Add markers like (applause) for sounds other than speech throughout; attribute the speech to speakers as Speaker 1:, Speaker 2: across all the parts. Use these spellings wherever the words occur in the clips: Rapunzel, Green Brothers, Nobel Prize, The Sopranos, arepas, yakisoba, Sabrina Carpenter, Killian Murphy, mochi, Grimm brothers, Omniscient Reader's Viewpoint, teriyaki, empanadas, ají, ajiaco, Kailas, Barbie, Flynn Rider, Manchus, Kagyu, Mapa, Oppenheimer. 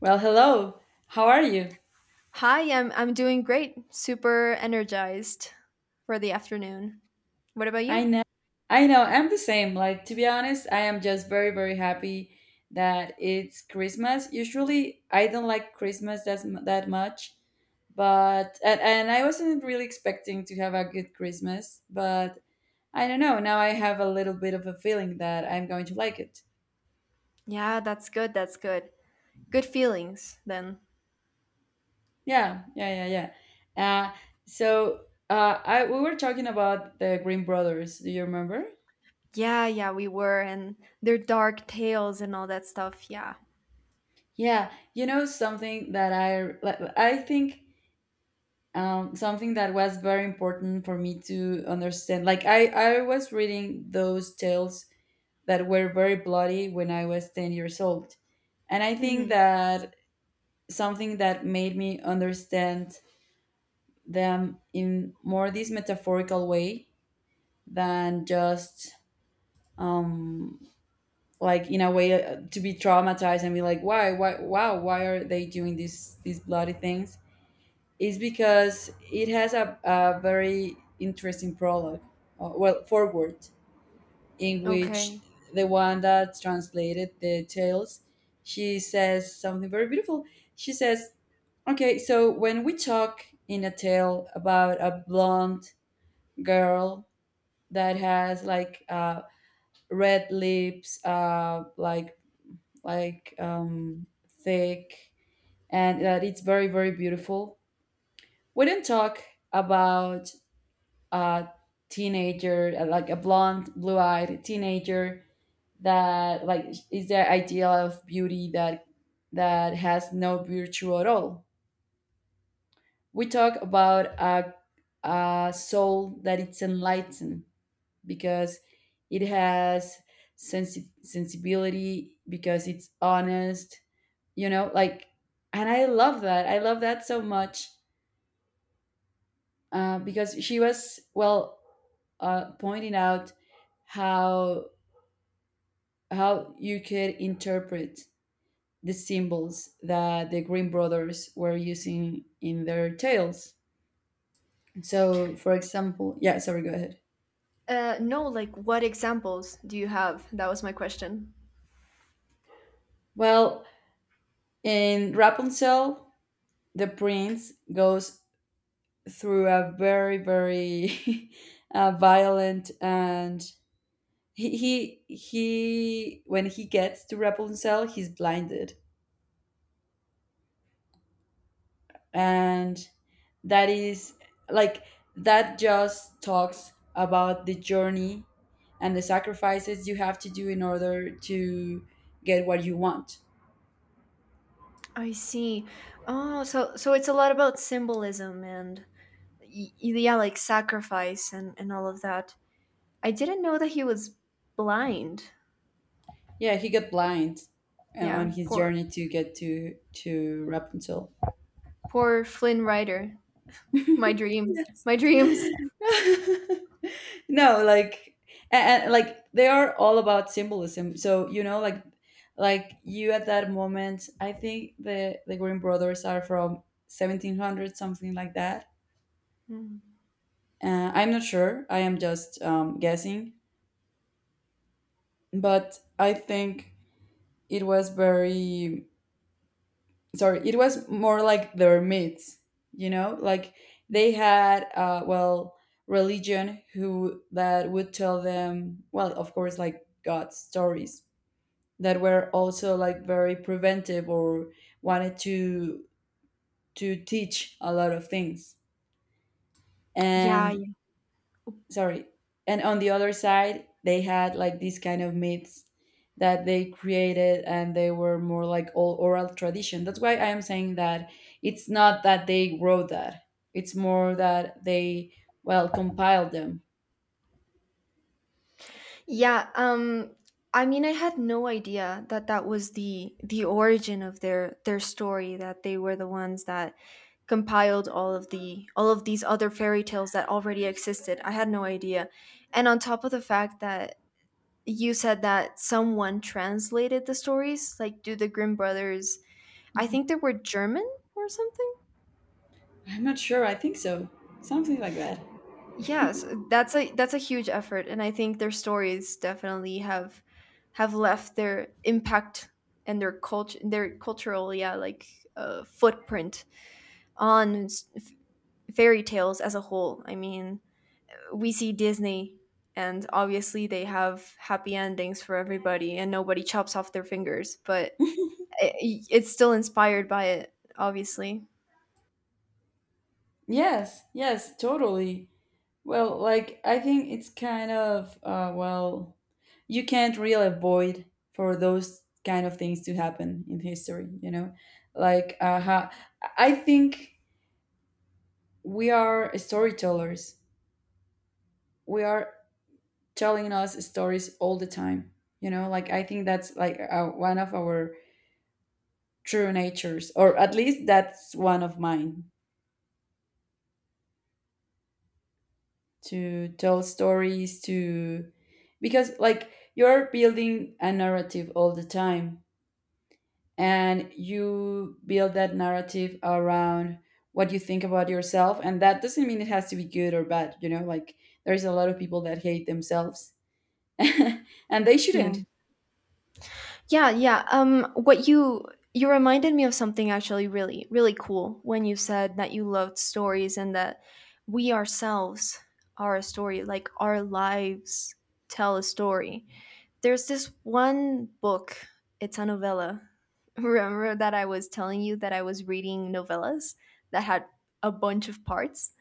Speaker 1: Well, hello. How are you?
Speaker 2: Hi, I'm doing great. Super energized for the afternoon. What about
Speaker 1: I
Speaker 2: you?
Speaker 1: know. I know. I'm the same. Like, to be honest, I am just very, very happy that it's Christmas. Usually, I don't like Christmas that much, but, and I wasn't really expecting to have a good Christmas, but I don't know. Now I have a little bit of a feeling that I'm going to like it.
Speaker 2: Yeah, that's good. That's good. Good feelings then.
Speaker 1: Yeah, yeah, yeah, yeah. so, we were talking about the Green Brothers. Do you remember?
Speaker 2: Yeah, yeah, we were, and their dark tales and all that stuff. Yeah.
Speaker 1: Yeah, something that I like, I think something that was very important for me to understand. Like I was reading those tales that were very bloody when I was 10 years old. And I think
Speaker 2: Hmm.
Speaker 1: that something that made me understand them in more this metaphorical way than just um like in a way to be traumatized and be like why are they doing these bloody things is because it has a very interesting prologue, well, forward, in which
Speaker 2: Okay.
Speaker 1: the one that translated the tales, she says something very beautiful. She says, "Okay, so when we talk in a tale about a blonde girl that has like red lips, like like um, thick, and that it's very, very beautiful, we don't talk" about a teenager, like a blonde, blue-eyed teenager that like is the ideal of beauty that has no virtue at all. We talk about a soul that it's enlightened because it has sensibility because it's honest, like. And I love that. I love that so much, because she was well pointing out how how you could interpret the symbols that the Green Brothers were using in their tales. So, for example, yeah, sorry, go ahead.
Speaker 2: No, like what examples do you have? That was my question.
Speaker 1: Well, in Rapunzel, the prince goes through a very, very (laughs) violent and he, he when he gets to Rapunzel, he's blinded, and that is like that just talks about the journey and the sacrifices you have to do in order to get what you want.
Speaker 2: I see. Oh, so it's a lot about symbolism and yeah, like sacrifice and all of that. I didn't know that he was blind.
Speaker 1: Yeah, he got blind
Speaker 2: Yeah,
Speaker 1: on his journey to get to Rapunzel.
Speaker 2: poor Flynn Rider. My
Speaker 1: (laughs)
Speaker 2: dream.
Speaker 1: Yes.
Speaker 2: My dreams.
Speaker 1: (laughs) No, like and like they are all about symbolism. So, like you at that moment, I think the Green Brothers are from 1700 something like that.
Speaker 2: Mm.
Speaker 1: I'm not sure. I am just guessing, but I think it was very sorry. It was more like their myths, you know, like they had well religion who that would tell them, well, of course, like God stories that were also like very preventive or wanted to teach a lot of things
Speaker 2: Yeah,
Speaker 1: and
Speaker 2: yeah.
Speaker 1: sorry and on the other side they had like these kind of myths that they created, and they were more like all oral tradition. That's why I am saying that it's not that they wrote that, it's more that they well compiled them.
Speaker 2: Yeah, um I mean, I had no idea that that was the origin of their story, that they were the ones that compiled all of the all of these other fairy tales that already existed. I had no idea. And on top of the fact that you said that someone translated the stories, like do the Grimm brothers, I
Speaker 1: Mhm.
Speaker 2: think they were German or something.
Speaker 1: I'm not sure, I think so. Something like that.
Speaker 2: Yes, that's a huge effort, and I think their stories definitely have left their impact and their culture, their cultural, yeah, like footprint on fairy tales as a whole. I mean, we see Disney, and obviously they have happy endings for everybody, and nobody chops off their fingers, but
Speaker 1: (laughs)
Speaker 2: it's still inspired by it, obviously.
Speaker 1: Yes, yes, totally. Well, like I think it's kind of well, you can't really avoid for those kind of things to happen in history. You know, like I think we are storytellers. We are telling us stories all the time. You know, like I think that's like one of our true natures, or at least that's one of mine, to tell stories to, because like you're building a narrative all the time, and you build that narrative around what you think about yourself. And that doesn't mean it has to be good or bad, you know, like there's a lot of people that hate themselves (laughs) and they
Speaker 2: Yeah.
Speaker 1: shouldn't.
Speaker 2: Yeah, yeah. What you reminded me of something actually really really cool when you said that you loved stories and that we ourselves are a story, like our lives tell a story. There's this one book, it's a novella. (laughs) Remember that I was telling you that I was reading novellas that had a bunch of parts?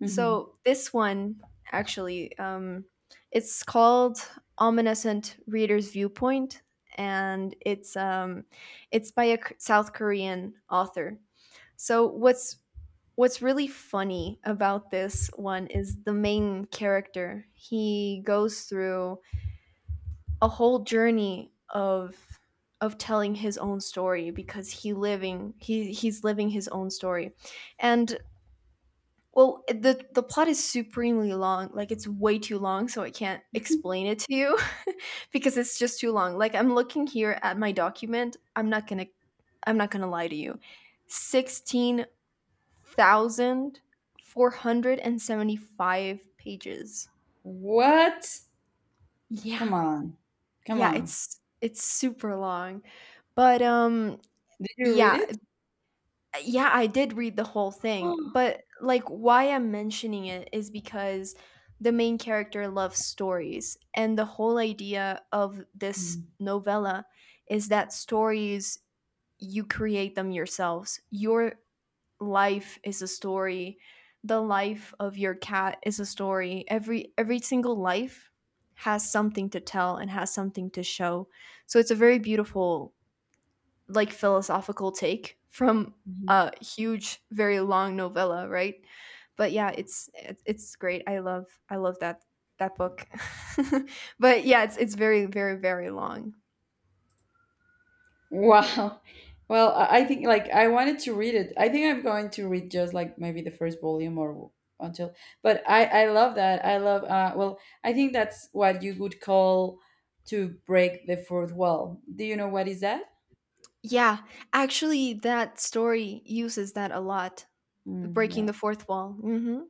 Speaker 1: Mhm.
Speaker 2: So this one actually, it's called Omniscient Reader's Viewpoint, and it's by a South Korean author. So what's really funny about this one is the main character. He goes through a whole journey of telling his own story, because he's living his own story. And the plot is supremely long, like, it's way too long, so I can't explain it to you (laughs) because it's just too long. Like, I'm looking here at my document. I'm not gonna lie to you. 16,475 pages.
Speaker 1: What?
Speaker 2: Yeah.
Speaker 1: Come on. Come
Speaker 2: Yeah,
Speaker 1: on.
Speaker 2: it's super long. But,
Speaker 1: Did you read
Speaker 2: yeah.
Speaker 1: it?
Speaker 2: Yeah, I did read the whole thing,
Speaker 1: (gasps)
Speaker 2: but like why I'm mentioning it is because the main character loves stories, and the whole idea of this novella is that stories, you create them yourselves. Your life is a story. The life of your cat is a story. Every single life has something to tell and has something to show. So it's a very beautiful like philosophical take from
Speaker 1: Mhm.
Speaker 2: a huge very long novella, right? But yeah, it's great. I love I love that that book. (laughs) But yeah, it's very very very long.
Speaker 1: Wow. Well, I think like I wanted to read it. I think I'm going to read just like maybe the first volume or until. But I love that. I love well, I think that's what you would call to break the fourth wall. Do you know what is that?
Speaker 2: Yeah, actually that story uses that a lot.
Speaker 1: Mm,
Speaker 2: Breaking
Speaker 1: yeah.
Speaker 2: the fourth wall. Hmm.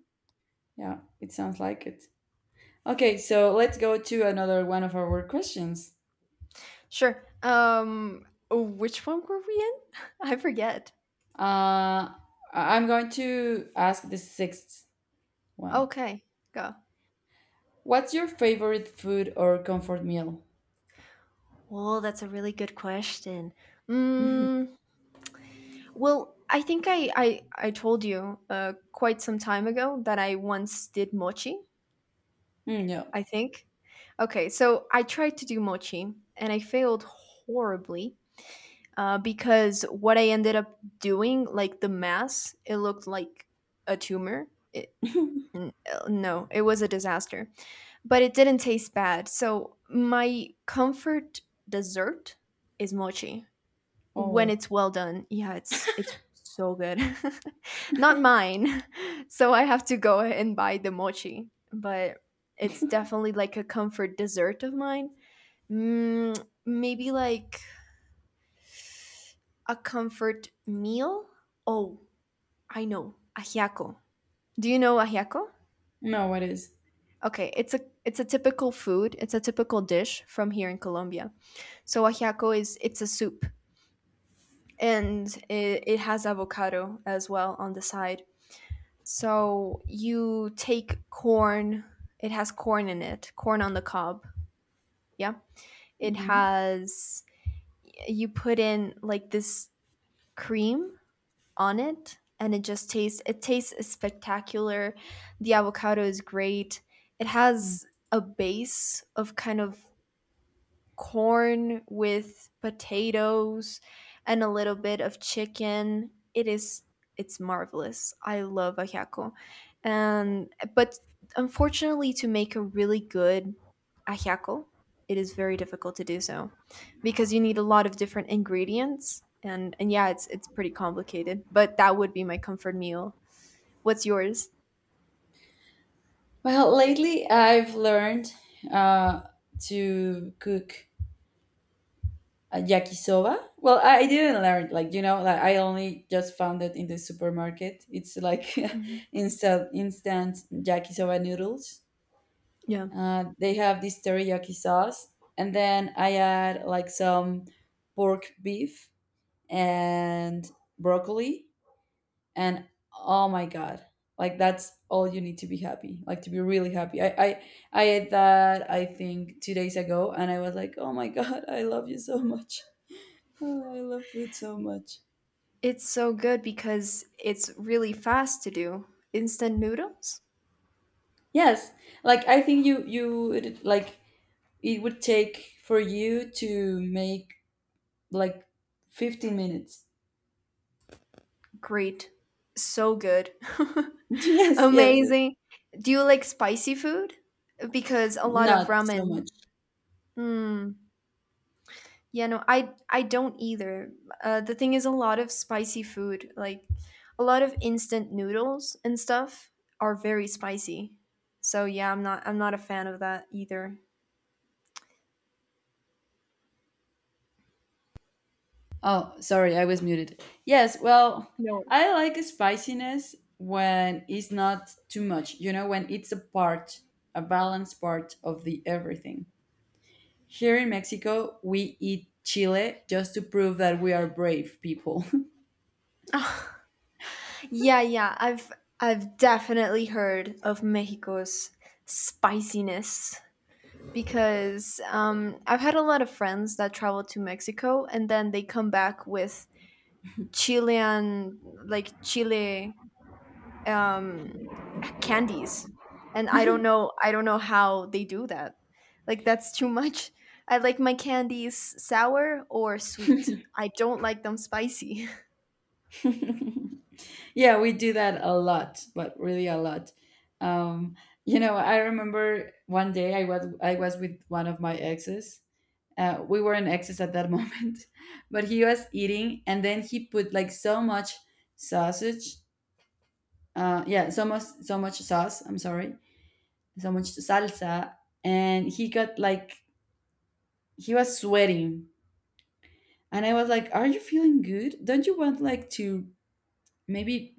Speaker 1: Yeah, it sounds like it. Okay, so let's go to another one of our questions.
Speaker 2: Sure, which one were we in? (laughs) I forget.
Speaker 1: Uh I- I'm going to ask the sixth one.
Speaker 2: Okay, go.
Speaker 1: What's your favorite food or comfort meal?
Speaker 2: Well, that's a really good question.
Speaker 1: (laughs)
Speaker 2: Mm. Well, I think I told you quite some time ago that I once did mochi.
Speaker 1: Mm, yeah.
Speaker 2: I think. Okay, so I tried to do mochi and I failed horribly because what I ended up doing, like the mass, it looked like a tumor. It,
Speaker 1: (laughs)
Speaker 2: n- no, it was a disaster, but it didn't taste bad. So my comfort dessert is mochi. When
Speaker 1: Oh,
Speaker 2: it's well done, yeah, it's so good. (laughs) Not mine. (laughs) So I have to go and buy the mochi, but it's definitely like a comfort dessert of mine. Mm, maybe like a comfort meal. Oh, I know, ajiaco. Do you know ajiaco?
Speaker 1: no, it is.
Speaker 2: Okay, it's a typical food, it's a typical dish from here in Colombia. So ajiaco is, it's a soup, and it has avocado as well on the side. So you take corn, it has corn in it, corn on the cob. Yeah. It
Speaker 1: Mhm.
Speaker 2: has, you put in like this cream on it, and it just tastes, it tastes spectacular. The avocado is great. It has a base of kind of corn with potatoes and a little bit of chicken. It is, it's marvelous. I love ajiaco. And but unfortunately to make a really good ajiaco, it is very difficult to do so, because you need a lot of different ingredients, and yeah, it's pretty complicated, but that would be my comfort meal. What's yours?
Speaker 1: Well, lately I've learned uh, to cook a yakisoba. Well, I didn't learn, like, you know, like I only just found it in the supermarket. It's like
Speaker 2: Mhm.
Speaker 1: (laughs) instant yakisoba noodles.
Speaker 2: Yeah.
Speaker 1: They have this teriyaki sauce, and then I add like some pork beef and broccoli and oh my god, like that's all you need to be happy, like to be really happy. I ate that I think 2 days ago, and I was like oh my (laughs) god, I love you so much. Oh, I love food so much.
Speaker 2: It's so good because it's really fast to do. Instant noodles?
Speaker 1: Yes, like I think like it would take for you to make like 15 minutes.
Speaker 2: Great. So good.
Speaker 1: (laughs)
Speaker 2: (laughs)
Speaker 1: Yes, yes, yes.
Speaker 2: Amazing. Do you like spicy food? Because a lot of
Speaker 1: Not so
Speaker 2: ramen.
Speaker 1: much.
Speaker 2: Mm. Yeah, no, I don't either. The thing is, a lot of spicy food, like a lot of instant noodles and stuff, are very spicy. So yeah, I'm not a fan of that either.
Speaker 1: Oh, sorry, I was muted. Yes, well,
Speaker 2: No.
Speaker 1: I like spiciness when it's not too much, you know, when it's a part, a balanced part of the everything. Here in Mexico, we eat chile just to prove that we are brave people.
Speaker 2: Yeah, yeah, I've definitely heard of Mexico's spiciness, because I've had a lot of friends that travel to Mexico and then they come back with Chilean, like Chile um, candies, and I don't know how they do that. Like that's too much. I like my candies sour or sweet. I don't like them spicy.
Speaker 1: (laughs) Yeah, we do that a lot, but really a lot. Um, you know, I remember one day I was with one of my exes. We were in excess at that moment (laughs) but he was eating, and then he put like so much sausage yeah so much sauce. I'm sorry, so much salsa. And he got like he was sweating, and I was like are you feeling good, don't you want like to maybe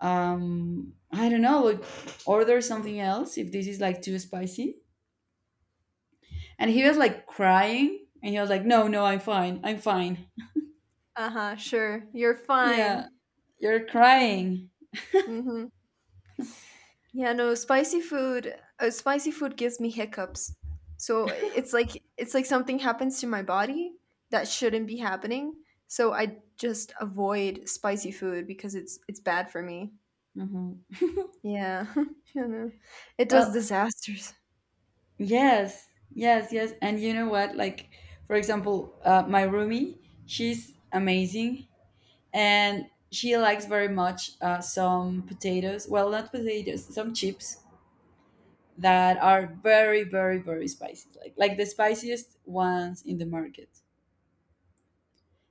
Speaker 1: I don't know, like order something else if this is like too spicy. And he was like crying and he was like no, no, I'm fine, I'm fine.
Speaker 2: (laughs) Uh huh. Sure, you're
Speaker 1: Yeah,
Speaker 2: fine.
Speaker 1: you're crying.
Speaker 2: Mm-hmm. Yeah, no, spicy food gives me hiccups. So it's like something happens to my body that shouldn't be happening. So I just avoid spicy food because it's bad for me.
Speaker 1: Mhm.
Speaker 2: Yeah. (laughs) You know, it does
Speaker 1: Well,
Speaker 2: disasters.
Speaker 1: yes, yes, yes. And you know what? Like, for example, my roomie, she's amazing, and she likes very much some potatoes. Well, not potatoes, some chips that are very, very, very spicy. Like the spiciest ones in the market.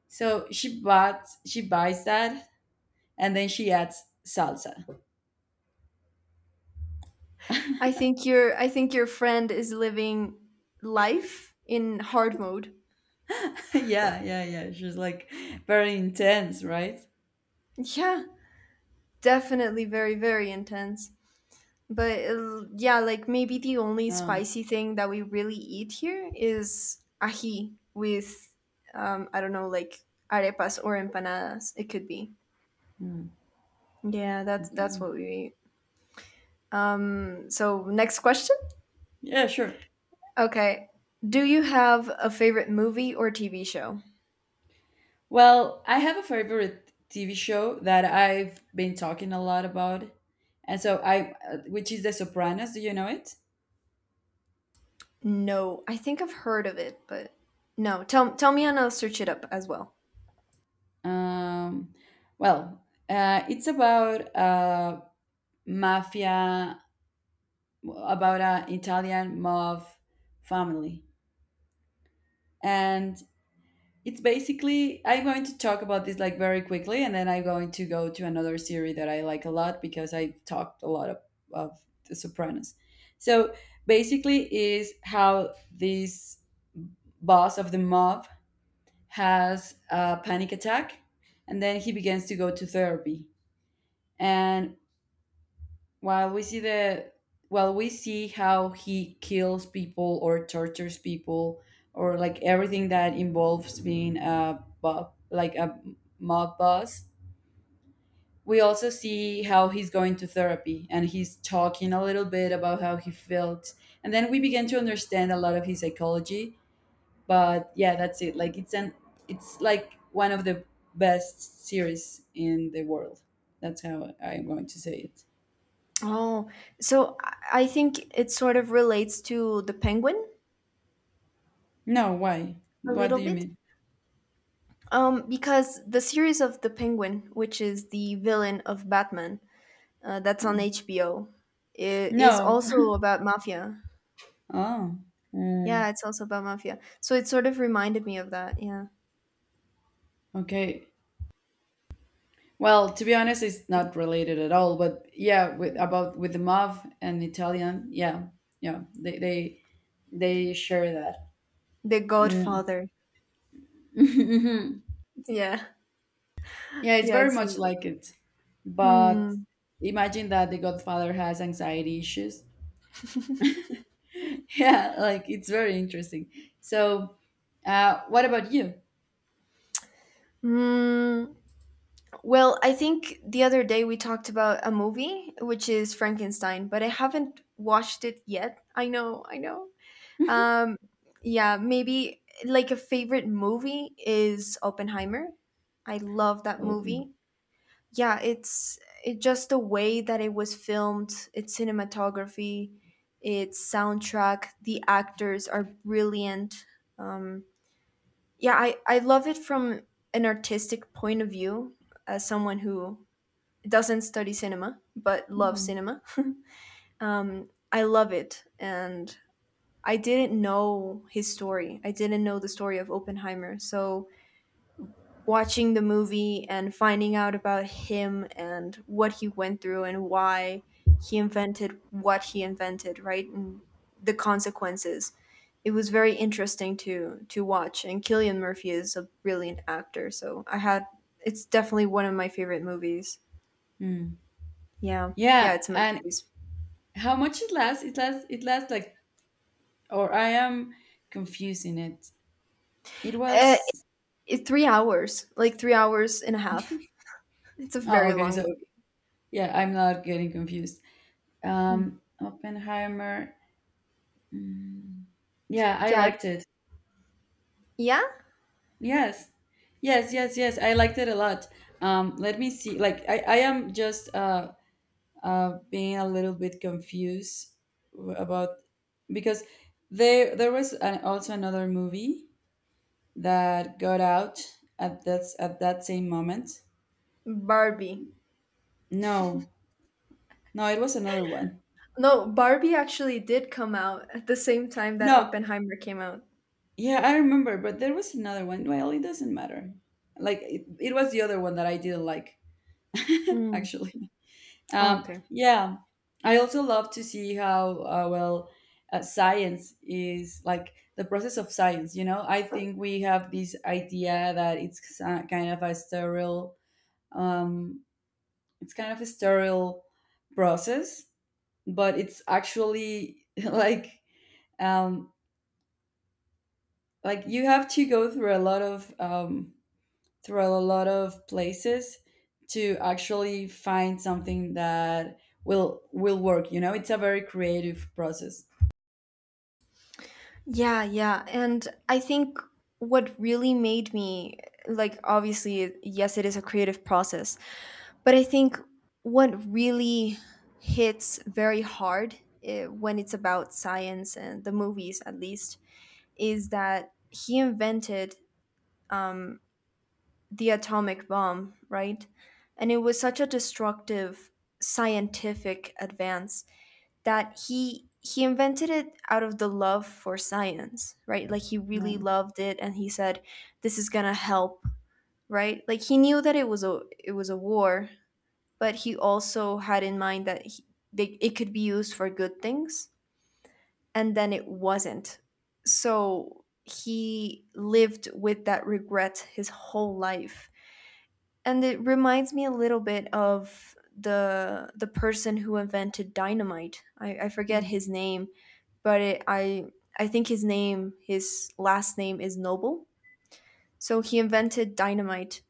Speaker 1: So she buys that and then she adds salsa.
Speaker 2: I think your friend is living life in hard mode.
Speaker 1: (laughs) Yeah, yeah, yeah. She's like very intense, right?
Speaker 2: Yeah, definitely very, very intense. But yeah, like maybe the only
Speaker 1: Oh,
Speaker 2: spicy thing that we really eat here is ají with, I don't know, like arepas or empanadas. It could be.
Speaker 1: mm,
Speaker 2: Yeah, that's
Speaker 1: okay.
Speaker 2: what we eat. So next question.
Speaker 1: Yeah, sure.
Speaker 2: Okay, do you have a favorite movie or TV show?
Speaker 1: Well, I have a favorite TV show that I've been talking a lot about, and so I, which is The Sopranos. Do you know it?
Speaker 2: No, I think I've heard of it, but no. Tell me and I'll search it up as well.
Speaker 1: Um, it's about mafia, about an Italian mob family, and it's basically, I'm going to talk about this like very quickly and then I'm going to go to another series that I like a lot, because I talked a lot of The Sopranos. So basically is how this boss of the mob has a panic attack, and then he begins to go to therapy. And while we see the while we see how he kills people or tortures people, or like everything that involves being like a mob boss, we also see how he's going to therapy and he's talking a little bit about how he felt. And then we begin to understand a lot of his psychology. But yeah, that's it. Like it's an it's like one of the best series in the world. That's how I'm going to say it.
Speaker 2: Oh, I think it sort of relates to the penguin
Speaker 1: No, why?
Speaker 2: a
Speaker 1: What
Speaker 2: little
Speaker 1: do you
Speaker 2: bit.
Speaker 1: mean?
Speaker 2: Because the series of The Penguin, which is the villain of Batman, that's on
Speaker 1: Mm.
Speaker 2: HBO, is
Speaker 1: No.
Speaker 2: also
Speaker 1: (laughs)
Speaker 2: about mafia.
Speaker 1: Oh. Mm.
Speaker 2: Yeah, it's also about mafia. So it sort of reminded me of that. Yeah.
Speaker 1: Okay. Well, to be honest, it's
Speaker 2: Yeah.
Speaker 1: not related at all. But yeah, with about with the MAV and Italian, yeah, yeah, they they share that.
Speaker 2: The
Speaker 1: Mm.
Speaker 2: Godfather.
Speaker 1: (laughs)
Speaker 2: Yeah.
Speaker 1: Yeah, it's
Speaker 2: Yeah,
Speaker 1: very
Speaker 2: it
Speaker 1: much
Speaker 2: seems like.
Speaker 1: like it. But
Speaker 2: Hmm.
Speaker 1: imagine that the Godfather has anxiety issues. (laughs) Yeah, like it's very interesting. So, what about you?
Speaker 2: Hmm. Well, I think the other day we talked about a movie, which is Frankenstein, but I haven't watched it yet. I know, I know. Um, yeah, maybe like a favorite movie is Oppenheimer. I love that
Speaker 1: Oh. Mm-hmm.
Speaker 2: movie. Yeah, it just the way that it was filmed, its cinematography, its soundtrack, the actors are brilliant. Um, yeah, I love it from an artistic point of view as someone who doesn't study cinema but loves
Speaker 1: Hmm.
Speaker 2: cinema. (laughs) I love it, and I didn't know his story. I didn't know the story of Oppenheimer. So watching the movie and finding out about him and what he went through and why he invented what he invented, right? And the consequences. It was very interesting to watch. And Killian Murphy is a brilliant actor, so I had it's definitely one of my favorite movies.
Speaker 1: Mm.
Speaker 2: Yeah.
Speaker 1: Yeah,
Speaker 2: Yeah, it's a
Speaker 1: and
Speaker 2: masterpiece.
Speaker 1: how much it lasts? It lasts. It lasts like or I am confusing it. It
Speaker 2: Uh,
Speaker 1: was.
Speaker 2: 3 hours, like 3 hours and a half. It's a
Speaker 1: Oh
Speaker 2: very
Speaker 1: okay,
Speaker 2: long
Speaker 1: so
Speaker 2: movie.
Speaker 1: yeah, I'm not getting confused.
Speaker 2: Hmm.
Speaker 1: Oppenheimer. Mm, yeah, I
Speaker 2: Yeah.
Speaker 1: liked it.
Speaker 2: Yeah?
Speaker 1: Yes, yes, yes, yes. I liked it a lot. Let me see. Like I am just being a little bit confused about because there was an, also another movie that got out at that same moment.
Speaker 2: Barbie.
Speaker 1: No, no, it was another one.
Speaker 2: No, Barbie actually did come out at the same time that
Speaker 1: No,
Speaker 2: Oppenheimer came out.
Speaker 1: yeah, I remember, but there was another one. Well, it doesn't matter. Like it was the other one that I didn't like, (laughs)
Speaker 2: Mm.
Speaker 1: actually.
Speaker 2: Oh, okay.
Speaker 1: Yeah, I also love to see how well science is like the process of science. You know, I think we have this idea that it's kind of a sterile, um, it's kind of a sterile process, but it's actually (laughs) um, like you have to go through a lot of through a lot of places to actually find something that will work. You know, it's a very creative process.
Speaker 2: Yeah, yeah. And I think what really made me, like, obviously, yes, it is a creative process, but I think what really hits very hard, when it's about science and the movies, at least, is that he invented um, the atomic bomb, right? And it was such a destructive scientific advance that he invented it out of the love for science, right? Like he
Speaker 1: Yeah.
Speaker 2: really loved it and he said this is going to help, right? Like he knew that it was a war, but he also had in mind that they, it could be used for good things, and then it wasn't. So he lived with that regret his whole life, and it reminds me a little bit of the person who invented dynamite. I forget
Speaker 1: Mm.
Speaker 2: his name, but it, I think his name his last name is Noble. So he invented dynamite,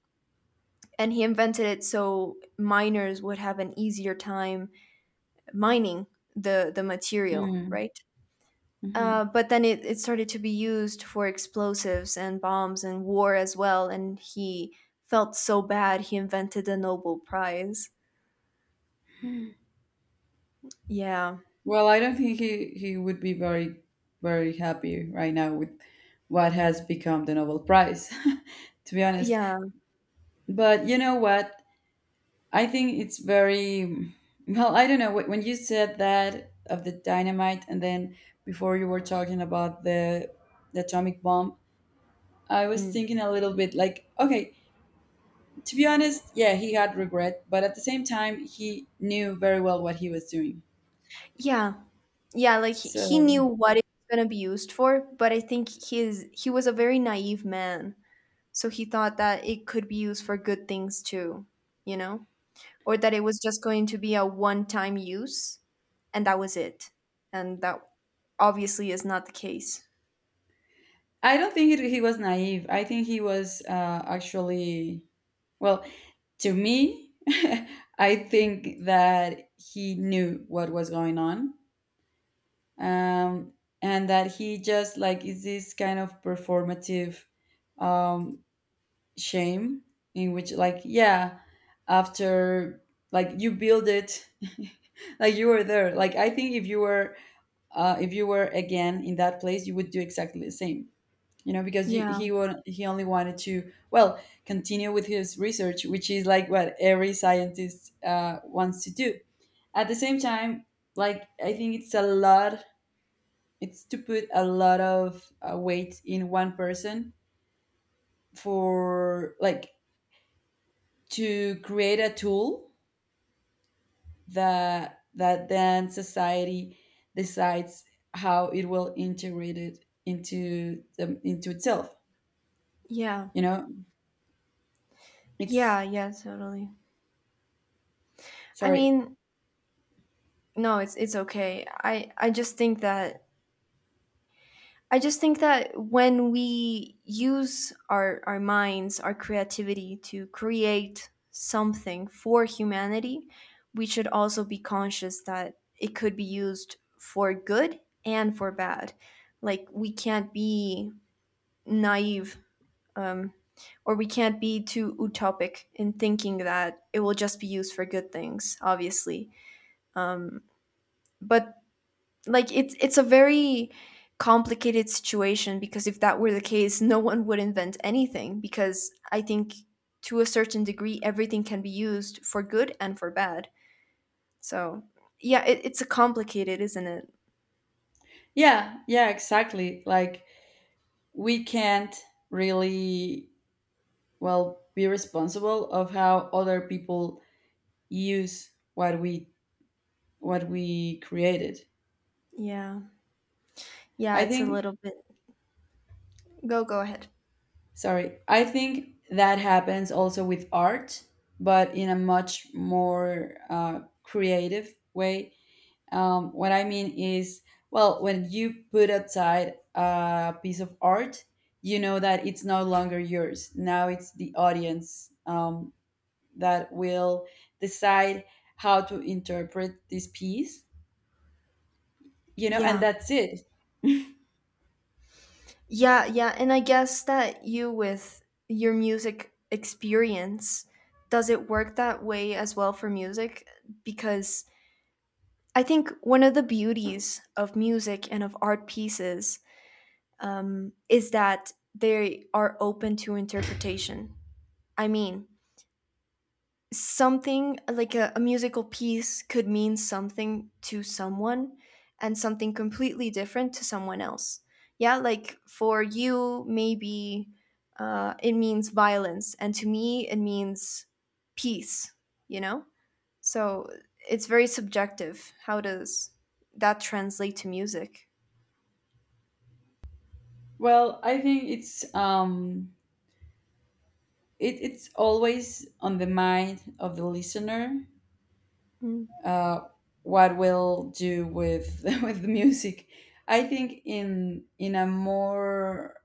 Speaker 2: and he invented it so miners would have an easier time mining the material,
Speaker 1: Mm.
Speaker 2: right? But then it started to be used for explosives and bombs and war as well, and he felt so bad he invented the Nobel Prize.
Speaker 1: Mhm.
Speaker 2: Yeah.
Speaker 1: Well, I don't think he would be very very happy right now with what has become the Nobel Prize (laughs) to be honest.
Speaker 2: Yeah.
Speaker 1: But you know what, I think it's very well, I don't know when you said that of the dynamite and then before you were talking about the atomic bomb, I was
Speaker 2: Mm.
Speaker 1: thinking a little bit like, okay, to be honest, yeah, he had regret, but at the same time, he knew very well what he was doing.
Speaker 2: Yeah. Yeah, like he
Speaker 1: So
Speaker 2: knew what it's gonna be used for, but I think his he was a very naive man. So he thought that it could be used for good things too, you know? Or that it was just going to be a one-time use and that was it. And that obviously is not the case.
Speaker 1: I don't think he was naive. I think he was actually, well, to me, (laughs) I think that he knew what was going on. Um, and that he just like is this kind of performative um shame in which like yeah, after, like you build it, (laughs) like you were there. Like I think if you were again in that place, you would do exactly the same, you know, because
Speaker 2: Yeah.
Speaker 1: he would, he only wanted to, well, continue with his research, which is like what every scientist wants to do. At the same time, like I think it's a lot, it's to put a lot of weight in one person, for like, to create a tool that then society decides how it will integrate it into into itself,
Speaker 2: Yeah.
Speaker 1: you know it's
Speaker 2: Yeah, yeah, totally. I
Speaker 1: sorry.
Speaker 2: mean, no, it's okay. I just think that I just think that when we use our minds, our creativity to create something for humanity, we should also be conscious that it could be used for good and for bad. Like, we can't be naive, um, or we can't be too utopic in thinking that it will just be used for good things, obviously. But like it's a very complicated situation, because if that were the case no one would invent anything, because I think to a certain degree everything can be used for good and for bad. So yeah, it's a complicated, isn't it?
Speaker 1: Yeah, yeah, exactly, like we can't really, well, be responsible of how other people use what we created,
Speaker 2: Yeah, yeah,
Speaker 1: I
Speaker 2: it's a
Speaker 1: think.
Speaker 2: little bit. Go go ahead.
Speaker 1: Sorry. I think that happens also with art, but in a much more creative way. What I mean is, well, when you put outside a piece of art, you know that it's no longer yours. Now it's the audience that will decide how to interpret this piece, you know, and
Speaker 2: Yeah,
Speaker 1: that's it.
Speaker 2: yeah, yeah. And I guess that you with your music experience, does it work that way as well for music? Because I think one of the beauties of music and of art pieces, is that they are open to interpretation. I mean, something like a musical piece could mean something to someone and something completely different to someone else. Yeah, like for you, maybe it means violence, and to me, it means peace, you know? So it's very subjective. How does that translate to music?
Speaker 1: Well, I think it's it's always on the mind of the listener
Speaker 2: Mm.
Speaker 1: uh, what we'll do with (laughs) with the music. I think in a more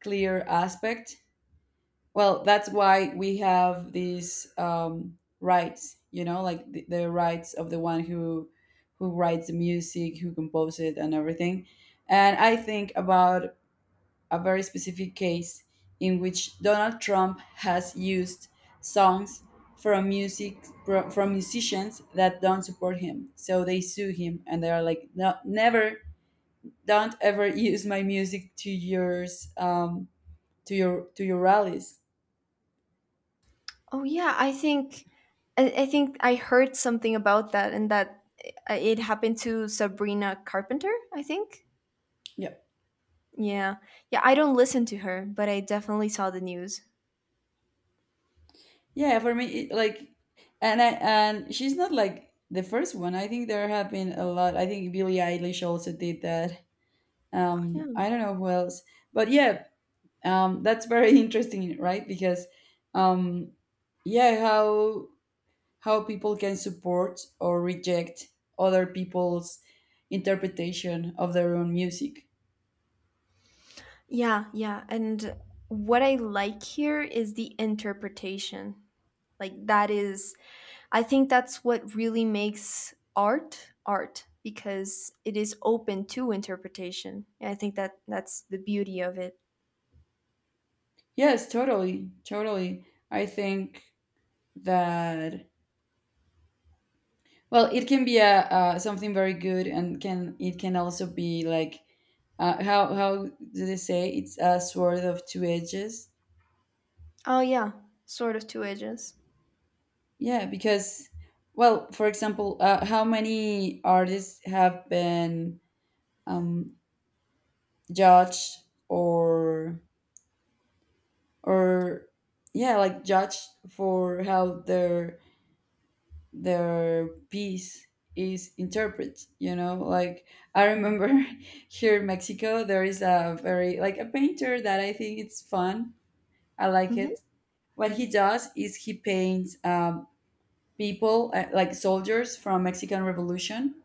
Speaker 1: clear aspect. Well, that's why we have these rights, you know, like the rights of the one who writes the music, who composes it, and everything. And I think about a very specific case in which Donald Trump has used songs from music from musicians that don't support him. So they sue him and they are like, no, never, don't ever (laughs) use my music to yours, to your rallies.
Speaker 2: Oh yeah, I think I think I heard something about that, and that it happened to Sabrina Carpenter. I think.
Speaker 1: Yeah,
Speaker 2: Yeah, yeah. I don't listen to her, but I definitely saw the news.
Speaker 1: yeah. For me, it, like, and I, and she's not like the first one. I think there have been a lot. I think Billie Eilish also did that.
Speaker 2: Yeah,
Speaker 1: I don't know who else, but yeah, that's very (laughs) interesting, right? Because um, yeah, how people can support or reject other people's interpretation of their own music.
Speaker 2: yeah, yeah. And what I like here is the interpretation. Like that is, I think that's what really makes art art, because it is open to interpretation. And I think that that's the beauty of it.
Speaker 1: Yes, totally, totally. I think that, well, it can be a, something very good, and can it can also be like, how do they say, it's a sword of two edges.
Speaker 2: Oh yeah, sort of two edges.
Speaker 1: Yeah, because, well, for example, how many artists have been um, judged or or yeah, like judged for how their piece is interpreted? You know, like I
Speaker 2: Mm.
Speaker 1: remember (laughs) here in Mexico, there is a very, like a painter that I think it's fun. I like it.
Speaker 2: Hmm.
Speaker 1: What he does is he paints people like soldiers from Mexican Revolution,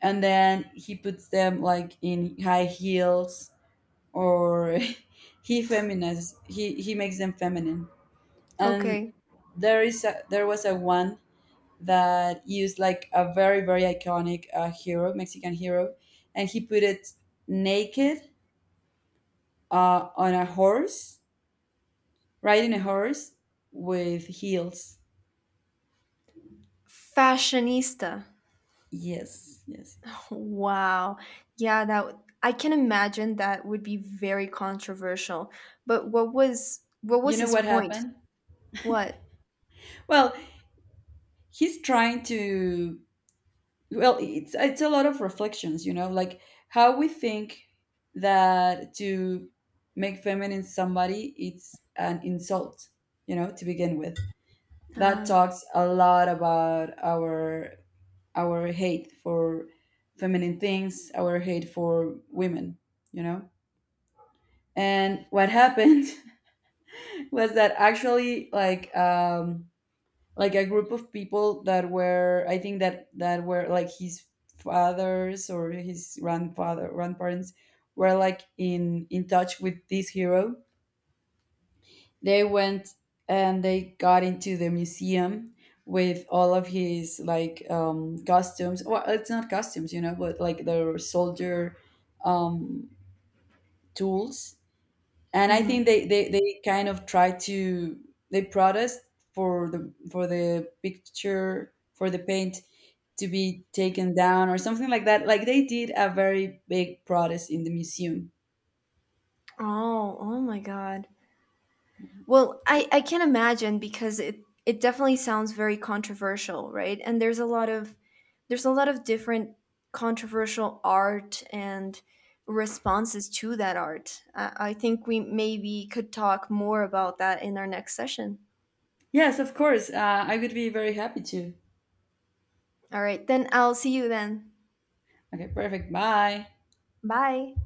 Speaker 1: and then he puts them like in high heels or (laughs) he feminizes, he makes them feminine. And
Speaker 2: Okay.
Speaker 1: there was a one that used like a very very iconic hero, Mexican hero, and he put it naked, on a horse, riding a horse, with heels.
Speaker 2: Fashionista.
Speaker 1: Yes, yes.
Speaker 2: Wow. Yeah, I can imagine that would be very controversial. But what
Speaker 1: You
Speaker 2: was
Speaker 1: know
Speaker 2: his
Speaker 1: what
Speaker 2: point?
Speaker 1: happened?
Speaker 2: What?
Speaker 1: Well, he's trying to, well, it's a lot of reflections, you know, like how we think that to make feminine somebody it's an insult, you know, to begin with. That
Speaker 2: Uh,
Speaker 1: talks a lot about our hate for feminine things, our hate for women, you know. And what happened (laughs) was that actually, like a group of people that were, I think that were like his fathers or his grandfather grandparents, were like in touch with this hero. They went and they got into the museum with all of his like costumes, well, it's not costumes, you know, but like their soldier um tools. And I
Speaker 2: mhm.
Speaker 1: think they kind of try to, they protest for the picture, for the paint to be taken down or something like that. Like they did a very big protest in the museum.
Speaker 2: Oh, oh my God. Well, I can imagine because it definitely sounds very controversial, right? And there's a lot of there's a lot of different controversial art and responses to that art. I think we maybe could talk more about that in our next session.
Speaker 1: Yes, of course. I would be very happy to.
Speaker 2: All right, then I'll see you then.
Speaker 1: Okay, perfect. Bye.
Speaker 2: Bye.